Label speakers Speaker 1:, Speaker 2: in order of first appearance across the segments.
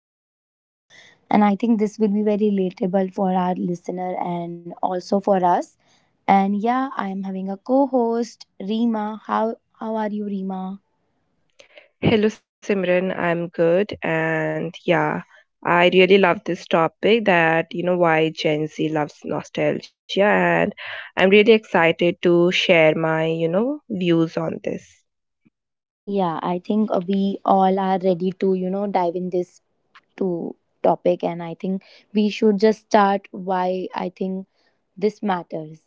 Speaker 1: nostalgia. And I think this will be very relatable for our listener and also for us. And yeah, I'm having a co host, Rima. How are you, Rima?
Speaker 2: Hello Simran, I'm good and yeah, I really love this topic that you know why Gen Z loves nostalgia and I'm really excited to share my, views on this.
Speaker 1: Yeah, I think we all are ready to, you know, dive in this to topic and I think we should just start why I think this matters.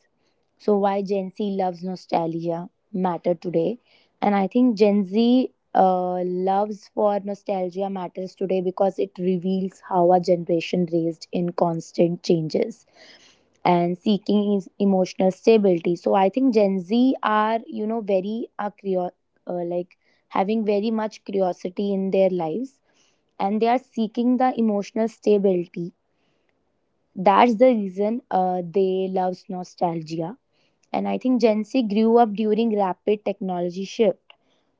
Speaker 1: So, why Gen Z loves nostalgia matter today. And I think Gen Z loves for nostalgia matters today because it reveals how our generation raised in constant changes and seeking is emotional stability. So, I think Gen Z are, you know, very, are uh, like, having very much curiosity in their lives and they are seeking the emotional stability. That's the reason they love nostalgia. And I think Gen Z grew up during rapid technology shift.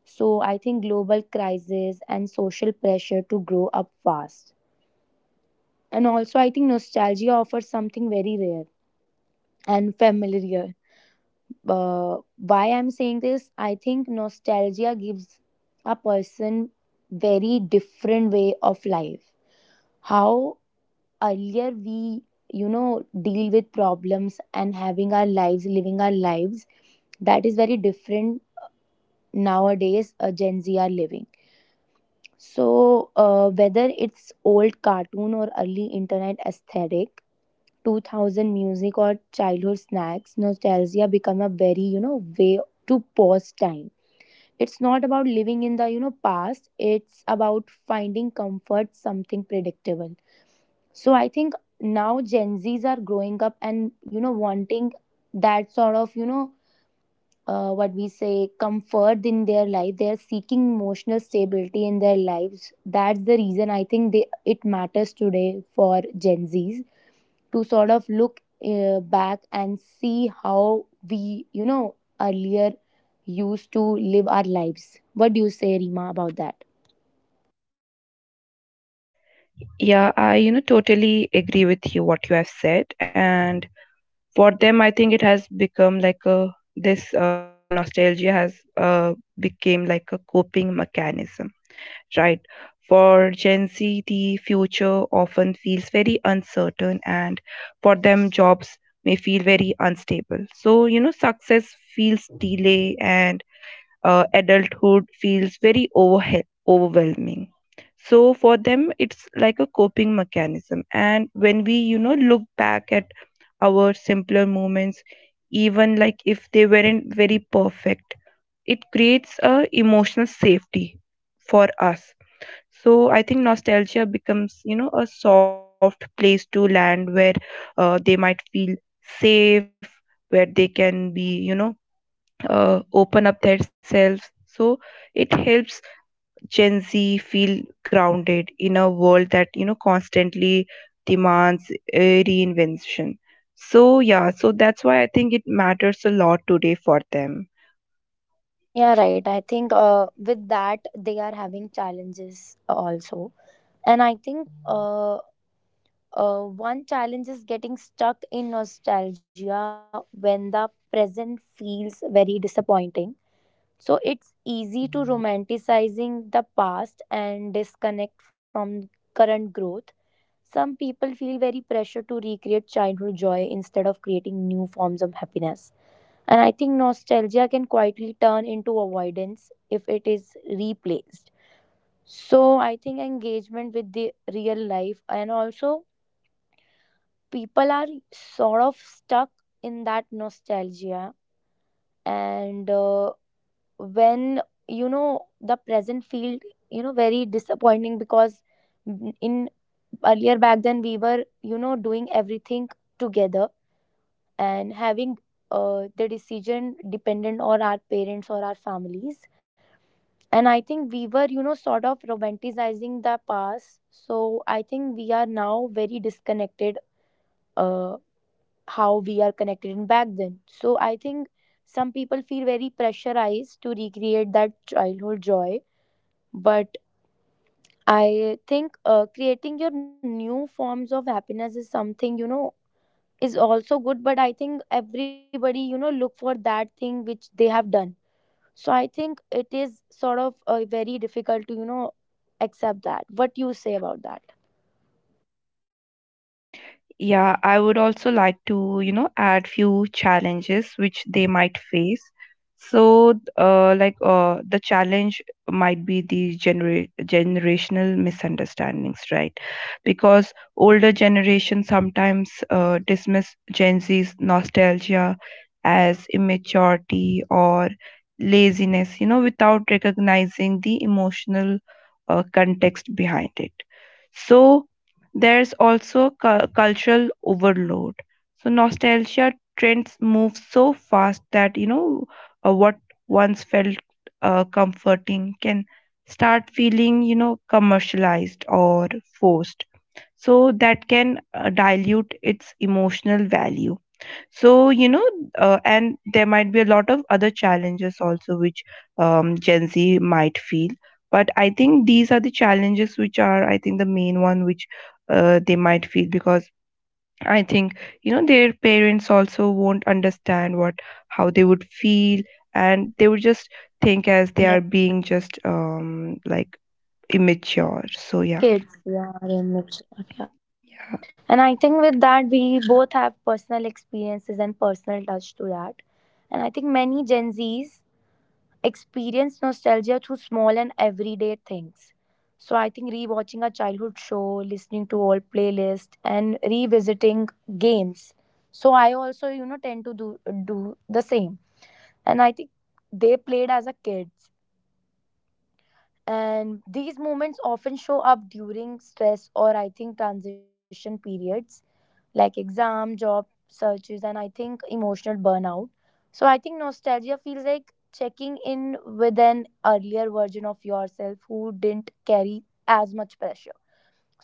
Speaker 1: So I think global crisis and social pressure to grow up fast. And also, I think nostalgia offers something very rare and familiar. Why I'm saying this, I think nostalgia gives a person very different way of life. How earlier we, you know, deal with problems and having our lives, living our lives, that is very different nowadays. Gen Z are living, so whether it's old cartoon or early internet aesthetic, 2000 music or childhood snacks, nostalgia become a very, you know, way to pause time. It's not about living in the, you know, past. It's about finding comfort, something predictable. So I think now Gen Zs are growing up and, you know, wanting that sort of, you know, what we say comfort in their life. They are seeking emotional stability in their lives. That's the reason I think they it matters today for Gen Zs to sort of look back and see how we, you know, earlier used to live our lives. What do you say, Rima, about that?
Speaker 2: Yeah, I totally agree with you what you have said and for them I think it has become like a this nostalgia has became like a coping mechanism, right? For Gen Z, the future often feels very uncertain, and for them, jobs may feel very unstable. So, you know, success feels delay, and adulthood feels very overwhelming. So, for them, it's like a coping mechanism. And when we, you know, look back at our simpler moments, even like if they weren't very perfect, it creates a emotional safety for us. So I think nostalgia becomes, you know, a soft place to land where they might feel safe, where they can be, you know, open up themselves. So it helps Gen Z feel grounded in a world that, you know, constantly demands reinvention. So yeah, so that's why I think it matters a lot today for them.
Speaker 1: Yeah, right. I think with that, they are having challenges also. And I think one challenge is getting stuck in nostalgia when the present feels very disappointing. So it's easy to romanticizing the past and disconnect from current growth. Some people feel very pressure to recreate childhood joy instead of creating new forms of happiness. And I think nostalgia can quietly turn into avoidance if it is replaced. So I think engagement with the real life, and also people are sort of stuck in that nostalgia, and when, you know, the present field, you know, very disappointing, because in earlier back then we were, you know, doing everything together and having the decision dependent on our parents or our families, and I think we were, you know, sort of romanticizing the past. So I think we are now very disconnected uh, how we are connected in back then. So I think some people feel very pressurized to recreate that childhood joy. But I think creating your new forms of happiness is something, you know, is also good. But I think everybody, you know, look for that thing which they have done. So I think it is sort of very difficult to, you know, accept that. What you say about that?
Speaker 2: Yeah, I would also like to, you know, add few challenges which they might face. So, the challenge might be the generational misunderstandings, right? Because older generation sometimes dismiss Gen Z's nostalgia as immaturity or laziness, you know, without recognizing the emotional context behind it. So, there's also cultural overload. So nostalgia trends move so fast that, you know, what once felt comforting can start feeling, you know, commercialized or forced. So that can dilute its emotional value. So, you know, and there might be a lot of other challenges also which Gen Z might feel, but I think these are the challenges which are, I think, the main one which they might feel, because I think, you know, their
Speaker 1: Yeah,
Speaker 2: parents also won't understand what how they would feel, and they would just think as they are being just like immature. So yeah,
Speaker 1: kids. Yeah.
Speaker 2: yeah,
Speaker 1: And I think with that, we both have personal experiences and personal touch to that. And I think many Gen Z's experience nostalgia through small and everyday things. So I think rewatching a childhood show, listening to old playlist, and revisiting games. So I also, you know, tend to do the same. And I think they played as a kids. And these moments often show up during stress or I think transition periods like exam, job searches, and I think emotional burnout. So I think nostalgia feels like checking in with an earlier version of yourself who didn't carry as much pressure.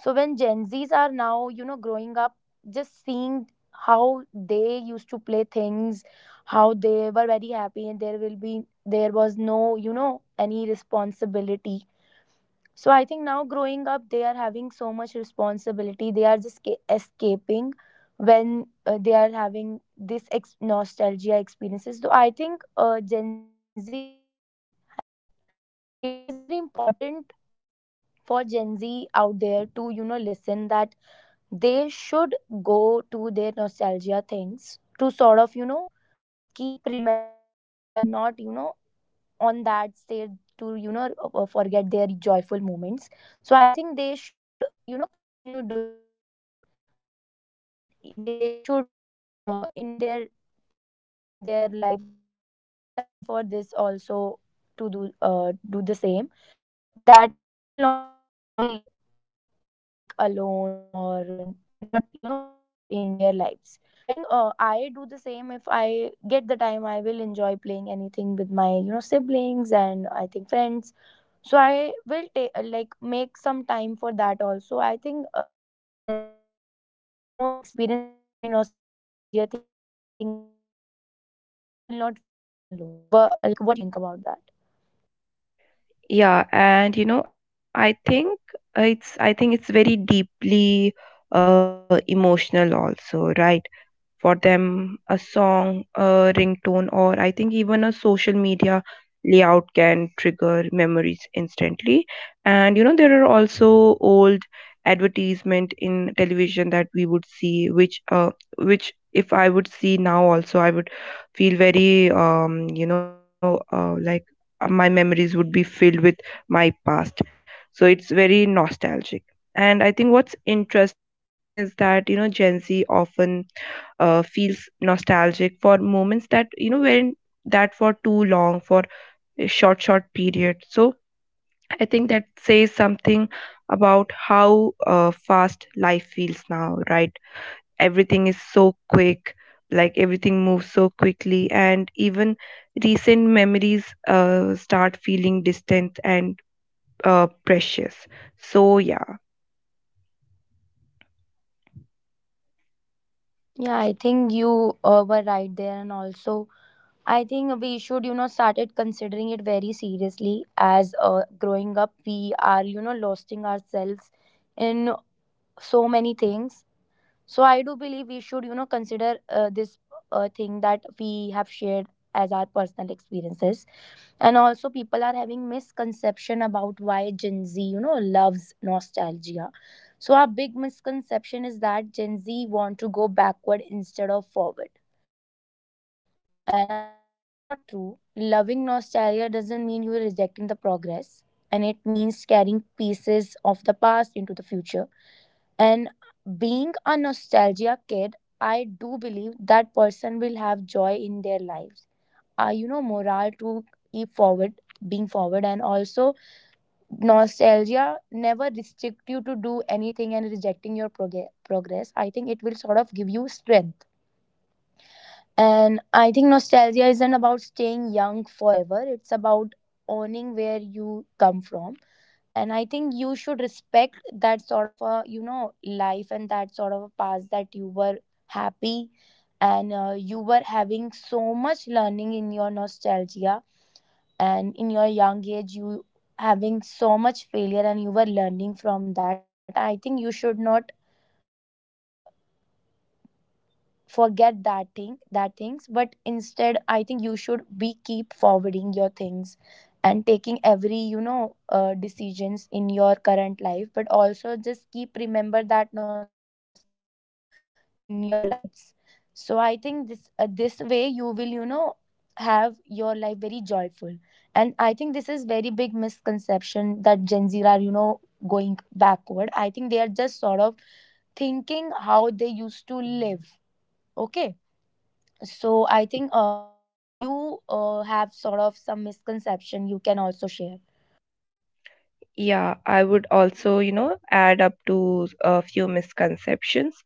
Speaker 1: So when Gen Zs are now, you know, growing up, just seeing how they used to play things, how they were very happy, and there will be there was no, you know, any responsibility. So I think now growing up, they are having so much responsibility. They are just escaping when they are having this nostalgia experiences. So I think Gen Z, ha- it is very important for Gen Z out there to, you know, listen that they should go to their nostalgia things to sort of, you know, keep remembering that they are not, you know, on that stage to, you know, forget their joyful moments. So I think they should, you know, continue doing this. Take, they should, you know, in their times in their lives take time for this also to do the same. That way you will not, you know, feel like alone or not, you know, pressure in their lives. So I think I do the same. If I get the time, I will enjoy playing anything with my, you know, siblings and I think friends. So I will take like make some time for that also. I think Gen Zs should, you know, experience every nostalgia thing again and again, so that they will not feel very lonely. Like what you think about that?
Speaker 2: yeah. And you know, I think, it's, I think it's very deeply emotional also, right? For them, a song, a ringtone, or I think even a social media layout can trigger memories instantly. And you know, there are also old advertisement in television that we would see which if I would see now also, I would feel very you know, my memories would be filled with my past. So it's very nostalgic. And I think what's interesting is that, you know, Gen Z often feels nostalgic for moments that, you know, weren't that for too long, for a short period. So I think that says something about how fast life feels now, right? Everything is so quick, like everything moves so quickly, and even recent memories start feeling distant and precious. So yeah.
Speaker 1: Yeah, I think you were right there, and also I think we should, you know, started considering it very seriously as growing up, we are, you know, losing ourselves in so many things. So I do believe we should, you know, consider this thing that we have shared as our personal experiences. And also people are having misconception about why Gen Z, you know, loves nostalgia. So our big misconception is that Gen Z want to go backward instead of forward, and I think that is not true. Loving nostalgia doesn't mean you're rejecting the progress, and it means carrying pieces of the past into the future. And being a nostalgia kid, I do believe that person will have joy in their lives. You know, morale to keep forward, being forward, and also nostalgia never restrict you to do anything and rejecting your progress. I think it will sort of give you strength. And I think nostalgia isn't about staying young forever, it's about owning where you come from. And I think you should respect that sort of a, you know, life and that sort of a past that you were happy and you were having so much learning in your nostalgia. And in your young age, you having so much failure and you were learning from that. I think you should not, you know, forget that thing that things, but instead I think you should be keep forwarding your things and taking every, you know, decisions in your current life, but also just keep remember that nostalgia in your lives. So I think this way you will, you know, have your life very joyful. And I think this is very big misconception that Gen Z are, you know, going backward. I think they are just sort of thinking how they used to live. Okay, so I think you have sort of some misconception you can also share.
Speaker 2: Yeah, I would also, you know, add up to a few misconceptions.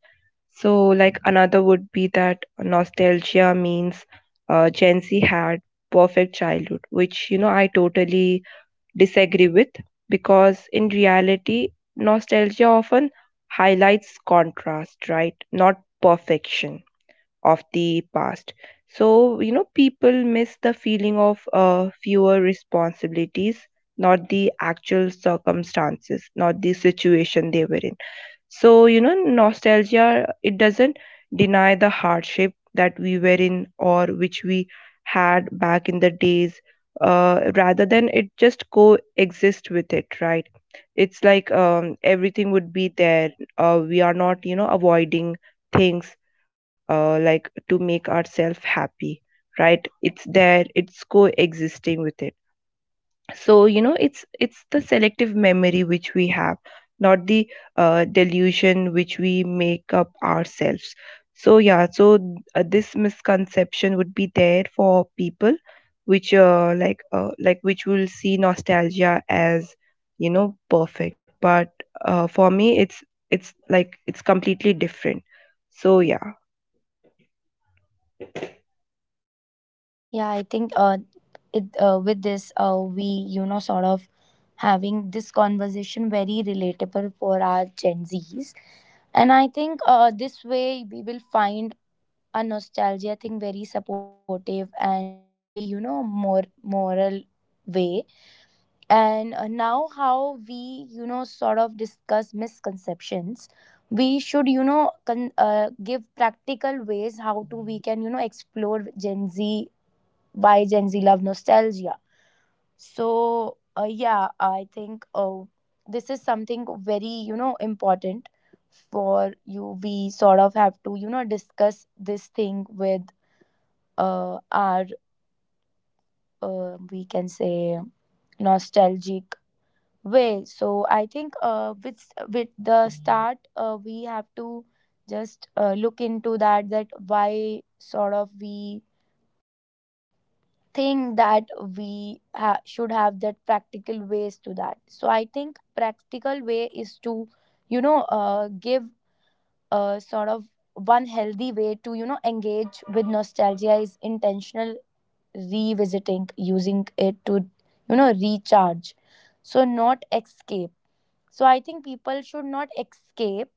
Speaker 2: So, like another would be that nostalgia means Gen Z had perfect childhood, which, you know, I totally disagree with, because in reality, nostalgia often highlights contrast, right? Not perfection of the past. So, you know, people miss the feeling of fewer responsibilities, not the actual circumstances, not the situation they were in. So, you know, nostalgia, it doesn't deny the hardship that we were in or which we had back in the days. Rather than it just coexist with it, right? It's like everything would be there. We are not, you know, avoiding things like to make ourselves happy, right? It's there, it's coexisting with it. So you know, it's the selective memory which we have, not the delusion which we make up ourselves. So yeah, so this misconception would be there for people which which will see nostalgia as, you know, perfect, but for me it's like it's completely different. So yeah.
Speaker 1: Yeah, I think it with this we, you know, sort of having this conversation very relatable for our Gen Zs, and I think this way we will find a nostalgia thing very supportive and very, you know, more moral way. And now, how we, you know, sort of discuss misconceptions, we should, you know, give practical ways how to we can, you know, explore Gen Z, why Gen Z love nostalgia. So, yeah, I think this is something very, you know, important for you. We sort of have to, you know, discuss this thing with our, we can say, nostalgic way. So I think with the start, we have to just look into that. That why sort of we think that we should have that practical ways to that. So I think practical way is to, you know, give a sort of one healthy way to, you know, engage with nostalgia is intentional revisiting, using it to, you know, recharge, so not escape. So I think people should not escape,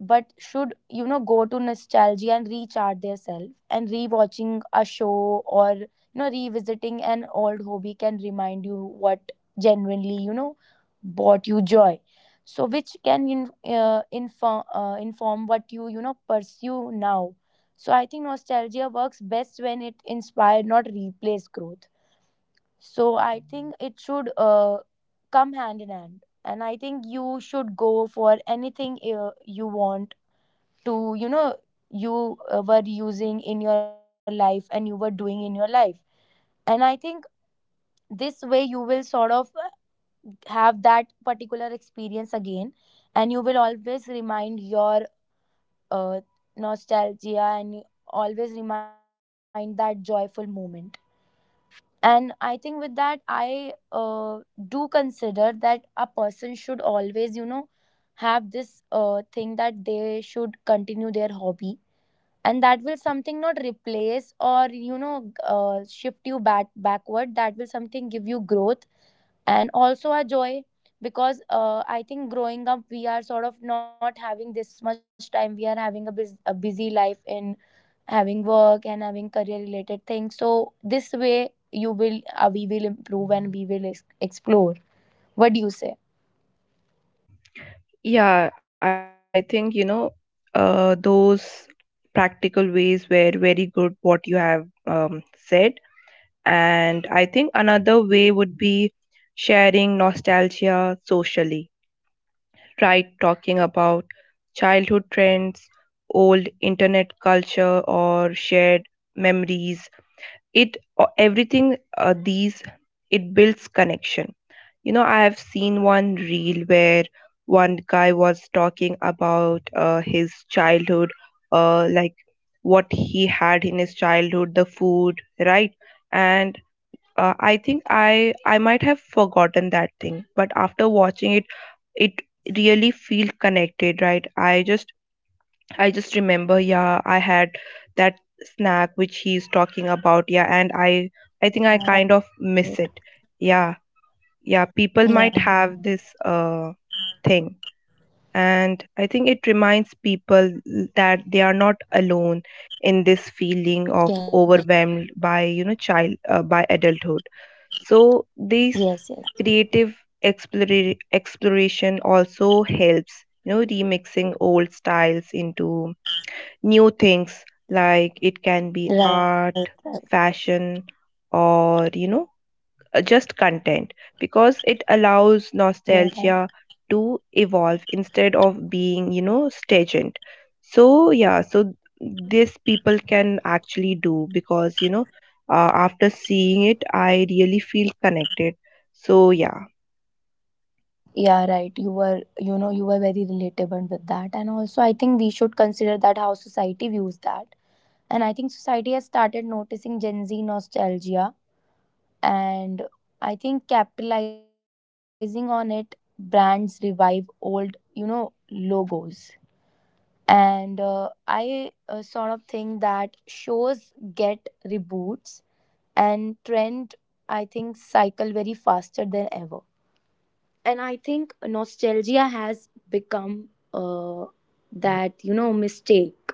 Speaker 1: but should, you know, go to nostalgia and recharge themselves. And rewatching a show or, you know, revisiting an old hobby can remind you what genuinely, you know, brought you joy. So which can inform inform what you know, pursue now. So I think nostalgia works best when it inspires, not replace growth. So I think it should come hand in hand. And I think you should go for anything you want to, you know, you were using in your life and you were doing in your life. And I think this way you will sort of have that particular experience again, and you will always remind your uh, nostalgia, and you always remind that joyful moment. And I think with that, I do consider that a person should always, you know, have this thing that they should continue their hobby, and that will something not replace or, you know, shift you back backward, that will something give you growth and also a joy. Because I think growing up we are sort of not having this much time, we are having a busy life in having work and having career related things. So this way you will we will improve and we will explore. What do you say?
Speaker 2: Yeah, I think, you know, those practical ways were very good, what you have said. And I think another way would be sharing nostalgia socially. Tried talking about childhood trends, old internet culture, or shared memories. It everything, these it builds connection. You know, I have seen one reel where one guy was talking about his childhood, like what he had in his childhood, the food, right? And I think I might have forgotten that thing, but after watching it, it really feel connected, right? I just, I just remember, yeah, I had that snack which he's talking about. Yeah, and I think I kind of
Speaker 1: Right.
Speaker 2: miss it. Yeah, yeah,
Speaker 1: Yeah.
Speaker 2: people might have this thing. And I think it reminds people that they are not alone in this feeling of
Speaker 1: Yes,
Speaker 2: overwhelmed by, you know, child by adulthood. So these
Speaker 1: yes, yes.
Speaker 2: creative exploration also helps, you know, remixing old styles into new things, like it can be
Speaker 1: Right, right.
Speaker 2: art, fashion, or, you know, just content, because it allows
Speaker 1: Yeah. Right.
Speaker 2: nostalgia to evolve instead of being, you know, stagnant. So, yeah, so this people can actually do because, you know, after seeing it, I really feel connected. So, yeah.
Speaker 1: Yeah, right. You were, you know, you were very relatable with that. And also, I think we should consider that how society views that. And I think society has started noticing Gen Z nostalgia. And I think capitalizing on it, brands revive old, you know, logos. And I sort of think that shows get reboots and trend, I think, cycle very faster than ever. And I think nostalgia has become uh, that, you know, mistake.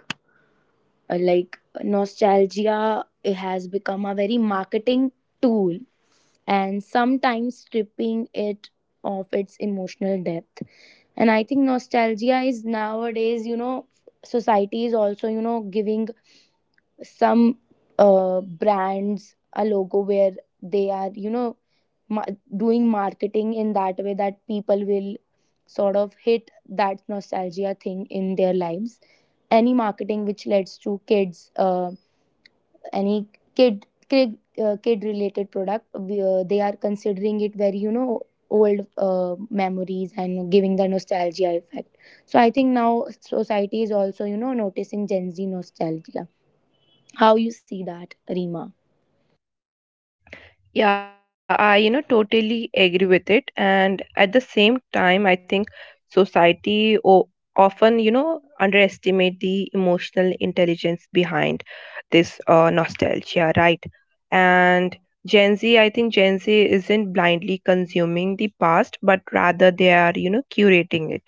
Speaker 1: Like nostalgia, it has become a very marketing tool and sometimes stripping it of its emotional depth. And I think nostalgia is nowadays, you know, society is also, you know, giving some uh, brands a logo where they are, you know, ma- doing marketing in that way that people will sort of hit that nostalgia thing in their lives. Any marketing which leads to kids, any kid related product, we, they are considering it very, you know, old memories and giving the nostalgia effect. So I think now society is also, you know, noticing Gen Z nostalgia. How you see that, Rima?
Speaker 2: Yeah, I, you know, totally agree with it. And at the same time, I think society often, you know, underestimate the emotional intelligence behind this nostalgia, right? And Gen Z, I think Gen Z isn't blindly consuming the past, but rather they are, you know, curating it,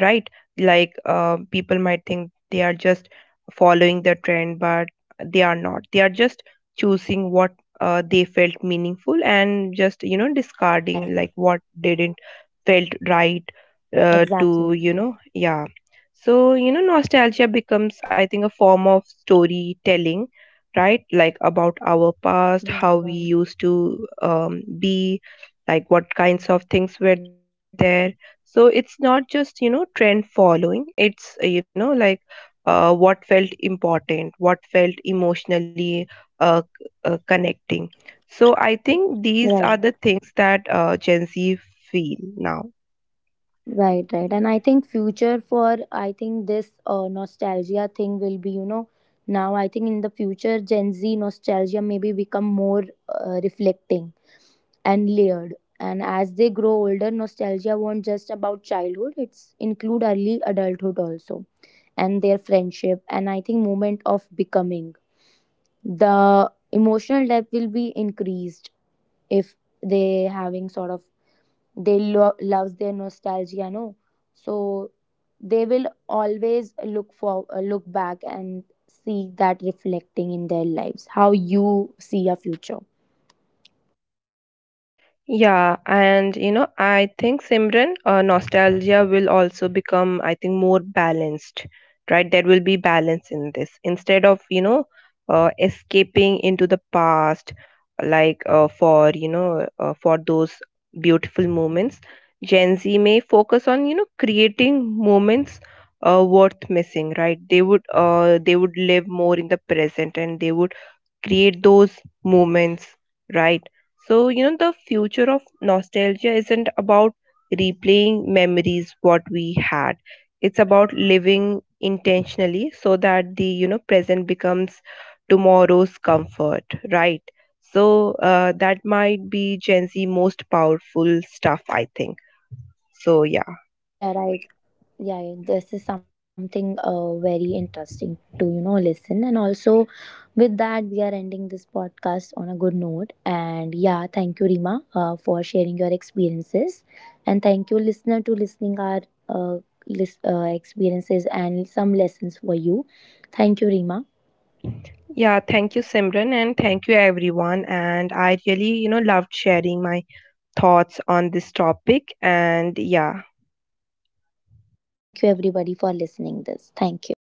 Speaker 2: right? Like people might think they are just following the trend, but they are not. They are just choosing what they felt meaningful, and just you know,
Speaker 1: Right.
Speaker 2: discarding like what didn't felt right,
Speaker 1: Exactly.
Speaker 2: to you know, yeah. So you know, nostalgia becomes, I think, a form of storytelling, right? Like about our
Speaker 1: Yeah.
Speaker 2: past, how
Speaker 1: Right.
Speaker 2: we used to be, like what kinds of things were there. So it's not just, you know, trend following, it's, you know, like what felt important, what felt emotionally connecting. So I think these are
Speaker 1: Right.
Speaker 2: the things that Gen Z feel now.
Speaker 1: Right, right. And I think future for I think this nostalgia thing will be, you know, now I think in the future Gen Z nostalgia maybe become more reflecting and layered. And as they grow older, nostalgia won't just about childhood, it's include early adulthood also and their friendship and I think moment of becoming. The emotional depth will be increased if they having sort of they loves their nostalgia, no. So they will always look for look back and see that reflecting in their lives. How you see your future?
Speaker 2: Yeah, and you know, I think Simran, nostalgia will also become, I think, more balanced, right? There will be balance in this. Instead of, you know, escaping into the past, like for those beautiful moments, Gen Z may focus on, you know, creating moments worth missing, right? They would, they would live more in the present, and they would create those moments, right? So, you know, the future of nostalgia isn't about replaying memories what we had. It's about living intentionally so that the, you know, present becomes tomorrow's comfort, right? So, that might
Speaker 1: Right.
Speaker 2: be Gen Z most powerful stuff, I think. So, yeah.
Speaker 1: Yeah, right. Yeah, yeah, this is something very interesting to, you know, listen. And also, with that, we are ending this podcast on a good note. And yeah, thank you, Rima, for sharing your experiences. And thank you, listener, to listening our uh, experiences and some lessons for you. Thank you, Rima.
Speaker 2: Yeah, thank you, Simran, and thank you, everyone. And I really, you know, loved sharing my thoughts on this topic. And yeah,
Speaker 1: Thank you, everybody, for listening this. Thank you.